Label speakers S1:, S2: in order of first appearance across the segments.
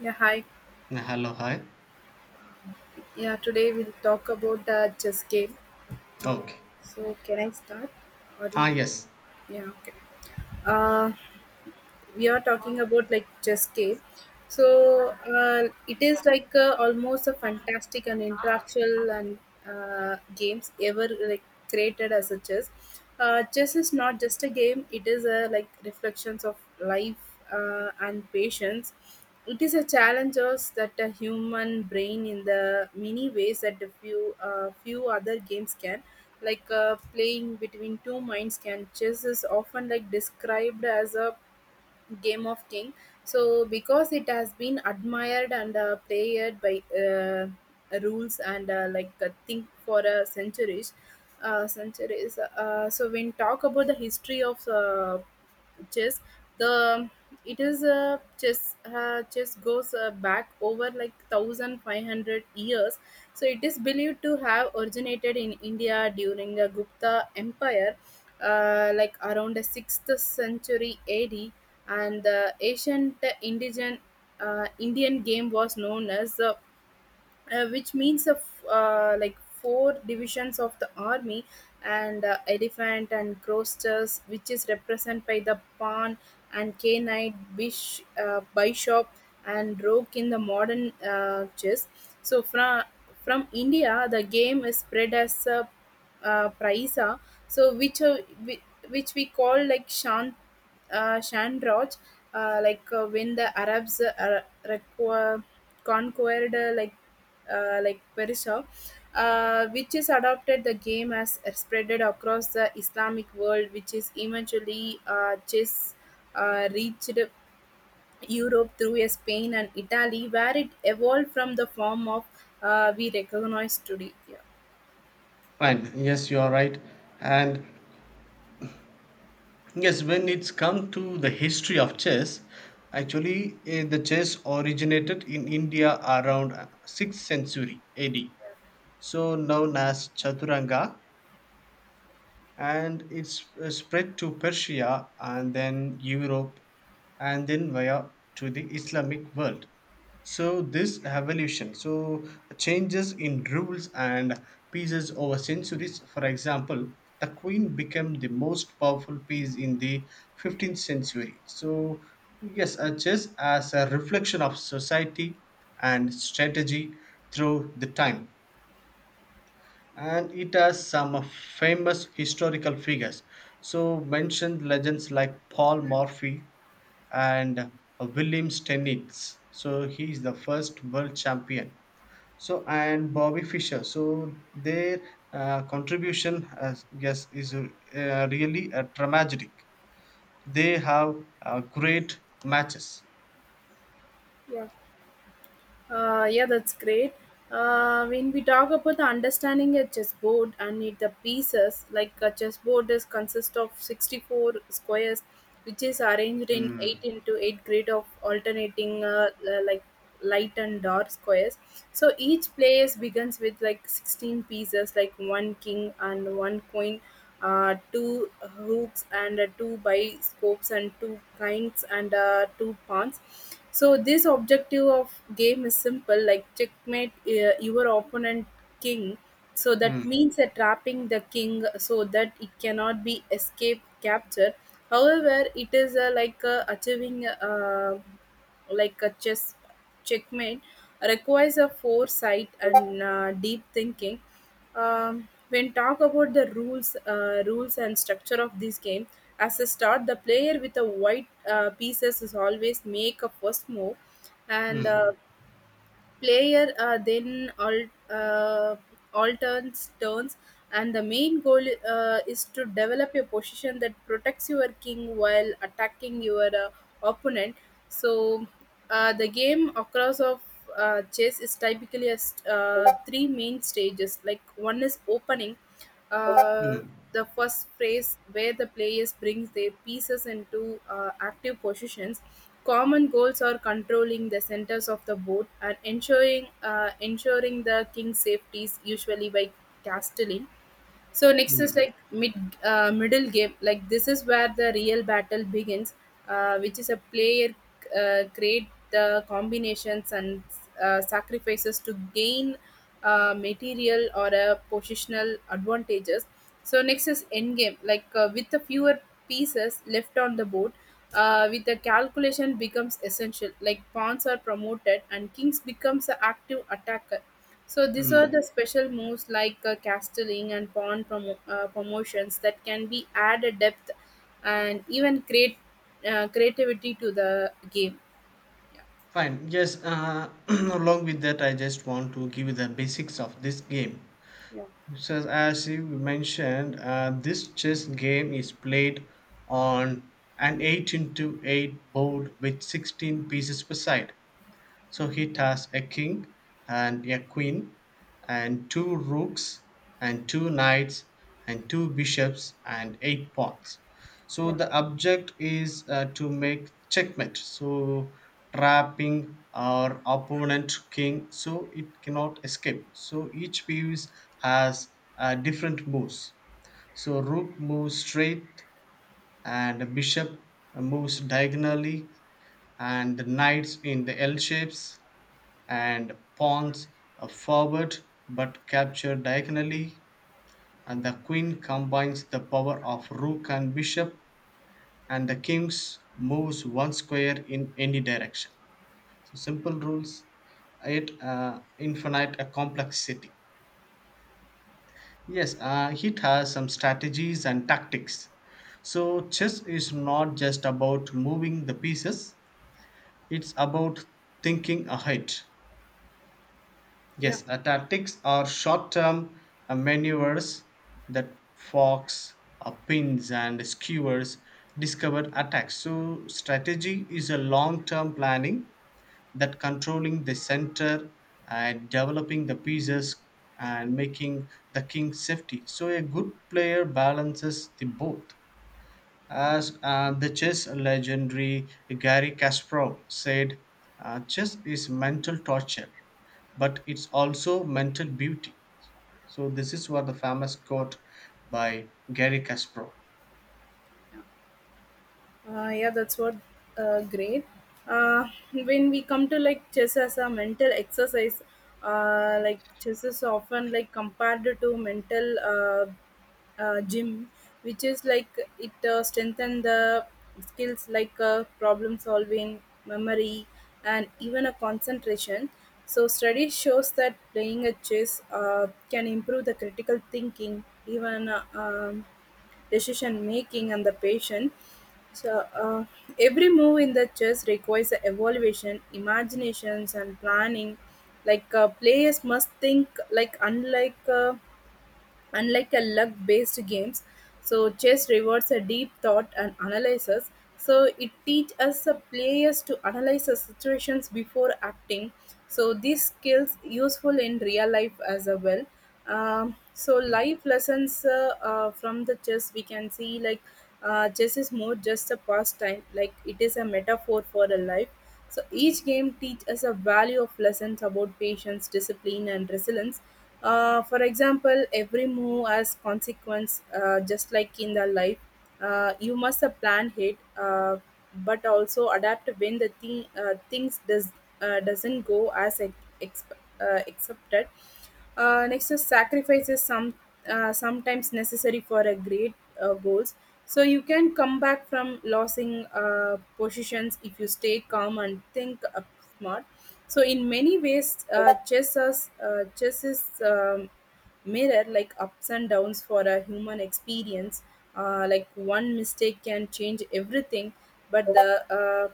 S1: Yeah, hi.
S2: Hello, hi.
S1: Yeah, today we'll talk about the chess game.
S2: Okay.
S1: So, can I start? Or you?
S2: Yes.
S1: Yeah, okay. Uh, we are talking about like Jeske. So it is like almost a fantastic and interactual and games ever like created as a chess. Chess is not just a game; it is a like reflections of life and patience. It is a challenge us that a human brain in the many ways that the few other games can like playing between two minds can chess is often like described as a Game of King. So because it has been admired and played by rules and think for centuries. So when talk about the history of chess the it is a chess goes back over like 1500 years. So it is believed to have originated in India during the Gupta Empire, like around the 6th century AD. And the ancient Indian game was known as the which means of like four divisions of the army and elephant and crosters, which is represented by the pawn and K knight, bishop and rook in the modern chess. So from India, the game is spread as a praisa, so which whi- which we call like shanroj, when the Arabs conquered Persia, which is adopted the game as spreaded across the Islamic world, which is eventually just reached Europe through Spain and Italy, where it evolved from the form of we recognize today. Yeah.
S2: Fine. Yes, you are right. And yes, when it's come to the history of chess, actually, the chess originated in India around 6th century AD. So known as Chaturanga, and it's spread to Persia and then Europe and then via to the Islamic world. So this evolution, so changes in rules and pieces over centuries. For example, the queen became the most powerful piece in the 15th century. So yes, chess as a reflection of society and strategy through the time, and it has some famous historical figures. So mentioned legends like Paul Morphy and William Stenitz. So he is the first world champion. So and Bobby Fischer. So their contribution, as yes, is really a dramatic. They have great matches.
S1: Yeah. Yeah, that's great. When we talk about the understanding a chessboard and it, the pieces, like a chessboard is consist of 64 squares, which is arranged in 8
S2: Mm,
S1: into 8 grid of alternating like light and dark squares. So each player begins with like 16 pieces, like one king and one queen, two hooks and two by scopes and two kinds and two pawns. So this objective of game is simple like checkmate your opponent king. So that
S2: mm,
S1: means trapping the king so that it cannot be escape captured. However, it is achieving like a chess checkmate requires a foresight and deep thinking. When talk about the rules rules and structure of this game as a start, the player with the white pieces is always make a first move, and the
S2: mm,
S1: player then all uh, alterns turns. And the main goal is to develop a position that protects your king while attacking your opponent. So the game across of chess is typically as three main stages. Like one is opening, uh,
S2: mm,
S1: the first phase where the players brings their pieces into active positions. Common goals are controlling the centers of the board and ensuring the king's safety is usually by castling. So next is
S2: mm,
S1: like middle game. Like this is where the real battle begins, which is a player create the combinations and sacrifices to gain material or a positional advantages. So next is end game. With the fewer pieces left on the board, with the calculation becomes essential. Like pawns are promoted and kings becomes the active attacker. So these are
S2: mm.
S1: the special moves like castling and pawn promotions that can be add a depth and even create creativity to the game.
S2: Fine. Yes, along with that, I just want to give you the basics of this game. So, as you mentioned, this chess game is played on an 8 into 8 board with 16 pieces per side. So it has a king and a queen, and two rooks, and two knights, and two bishops, and eight pawns. So
S1: Yeah,
S2: the object is to make checkmate. So trapping our opponent king, so it cannot escape. So each piece has different moves. So rook moves straight, and bishop moves diagonally, and the knights in the L shapes, and pawns are forward but capture diagonally, and the queen combines the power of rook and bishop, and the king's moves one square in any direction. So simple rules, it infinite a complexity. Yes, it has some strategies and tactics. So chess is not just about moving the pieces, it's about thinking ahead.
S1: yeah,
S2: Yes, tactics are short term maneuvers that fox, pins, and skewers, discovered attacks. So, strategy is a long term planning, that controlling the center and developing the pieces and making the king safety. So, a good player balances the both. As the chess legendary Gary Kasparov said, chess is mental torture, but it's also mental beauty. So, this is what the famous quote by Gary Kasparov.
S1: yeah. That's what great. Uh, when we come to like chess as a mental exercise, like chess is often like compared to mental gym, which is like it strengthen the skills like problem solving, memory, and even a concentration. So study shows that playing a chess can improve the critical thinking, even decision making, and the patient. So every move in the chess requires a evaluation, imaginations, and planning. Players must think like unlike. Unlike a luck based games so chess rewards a deep thought and analysis. So it teaches us the players to analyze the situations before acting. So these skills useful in real life as a well. So
S2: Mm,
S1: life lessons from the chess we can see like chess is more just a pastime. Like it is a metaphor for a life, so each game teach us a value of lessons about patience, discipline, and resilience. For example, every move has consequence, just like in the life. You must have planned it, but also adapt when the things doesn't go as accepted. Next is sacrifice is sometimes necessary for a great goals. So you can come back from losing positions if you stay calm and think smart. So in many ways, chess is mirror like ups and downs for a human experience. Like one mistake can change everything, but the uh,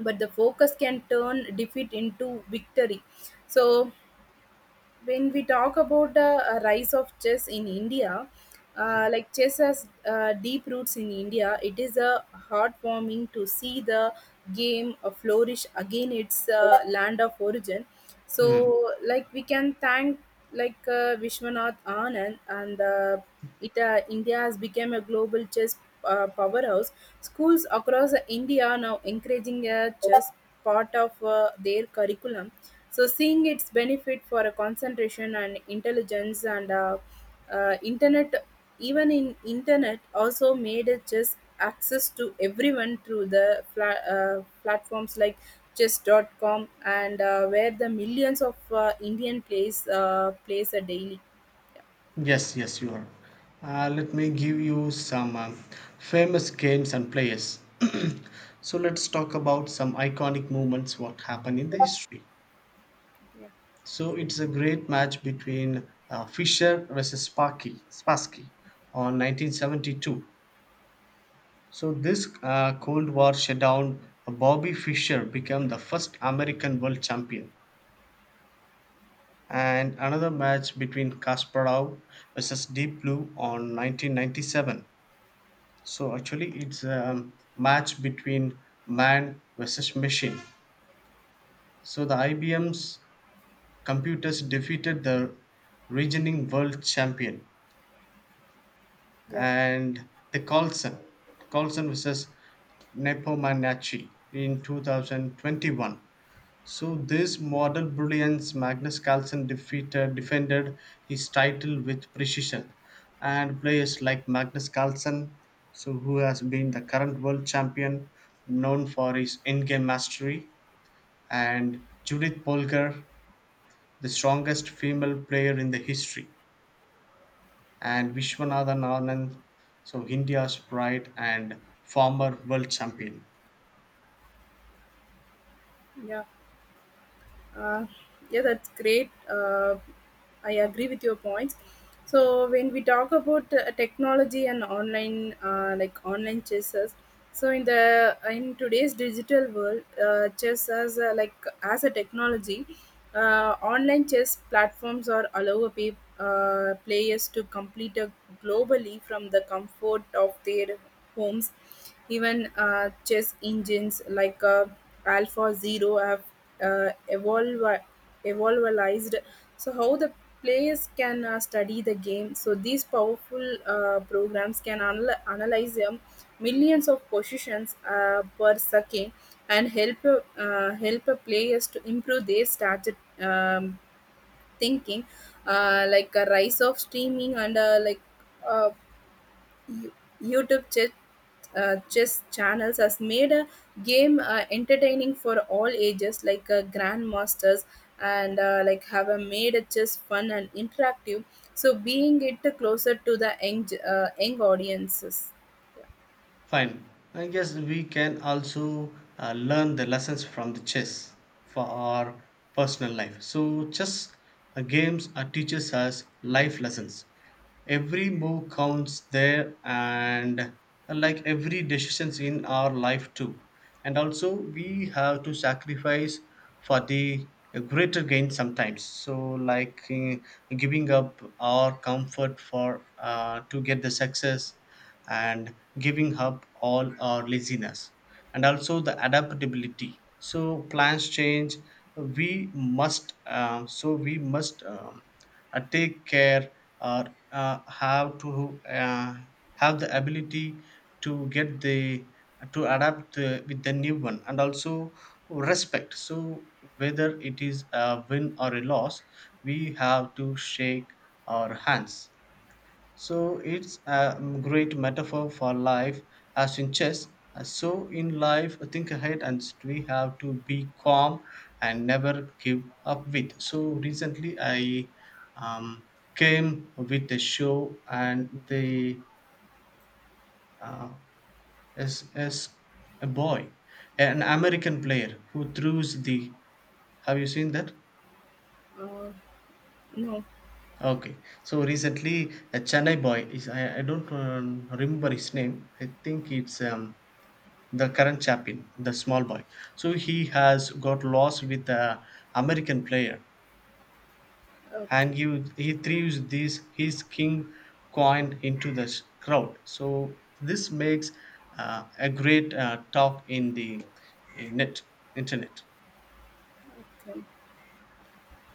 S1: but the focus can turn defeat into victory. So when we talk about the rise of chess in India,
S2: mm,
S1: like chess has deep roots in India. It is a heartwarming to see the game flourish again its land of origin.
S2: mm.
S1: So, like we can thank like Vishwanath Anand, and it India has become a global chess powerhouse. Schools across India are now encouraging a chess part of their curriculum. So, seeing its benefit for a concentration and intelligence and internet, even in internet, also made a chess access to everyone through the platforms like chess.com, and where the millions of Indian plays a daily. Yeah,
S2: Yes, yes, you are. Let me give you some famous games and players. So, let's talk about some iconic moments what happened in the history.
S1: yeah,
S2: So it's a great match between Fischer versus Spassky on 1972. So this Cold War showdown, Bobby Fischer became the first American world champion. And another match between Kasparov versus Deep Blue on 1997. So actually, it's a match between man versus machine. So the IBM's computers defeated the reigning world champion.
S1: yeah.
S2: And the Carlson versus Nepomaniachtchi in 2021. So this model brilliance, Magnus Carlsen defeated defended his title with precision, and players like Magnus Carlsen, so who has been the current world champion, known for his in-game mastery, and Judith Polgar, the strongest female player in the history, and Vishwanathan Anand, so India's pride and former world champion.
S1: Yeah. Uh, yeah, that's great. I agree with your points. So when we talk about technology and online, like online chessers, so in the in today's digital world, chess as a, like as a technology, online chess platforms are allow players to complete a globally from the comfort of their homes. Even chess engines like Alpha Zero have evolve evolvalized. So how the players can study the game. So these powerful programs can analyze millions of positions per second and help players to improve their strategy, thinking, like a rise of streaming and uh, you- YouTube chess, chess channels has made a game entertaining for all ages, like grandmasters, and have made a chess fun and interactive. So being it closer to the young audiences.
S2: Fine. I guess we can also learn the lessons from the chess for our personal life. So, chess games teaches us life lessons. Every move counts there, and like every decisions in our life too. And also, we have to sacrifice for the greater gain sometimes. So, like giving up our comfort for to get the success, and giving up all our laziness, and also the adaptability. So plans change, we must take care, or have to have the ability to get the to adapt with the new one. And also respect, so whether it is a win or a loss, we have to shake our hands. So it's a great metaphor for life, as in chess. So in life, think ahead, and we have to be calm and never give up with. So recently I um, came with a show, and the uh, is a boy, an American player who throws the, have you seen that?
S1: Uh, no,
S2: Okay, so recently a Chennai boy is, I don't remember his name. I think it's the current champion, the small boy. So he has got lost with the American player, and
S1: okay.
S2: he throws this his king coin into the s- crowd. So this makes a great talk in the net internet.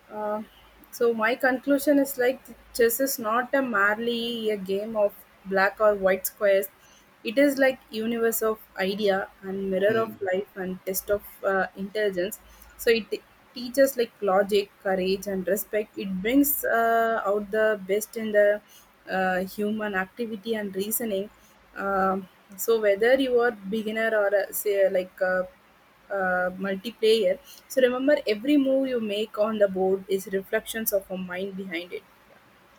S1: Uh, so my conclusion is like chess is not a merely a game of black or white squares. It is like universe of idea and mirror of
S2: Mm.
S1: life and test of intelligence. So it teaches like logic, courage, and respect. It brings out the best in the human activity and reasoning. Um so whether you are beginner or a, say like a multiplayer. So remember, every move you make on the board is reflections of a mind behind it.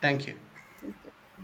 S2: Thank you.
S1: Okay.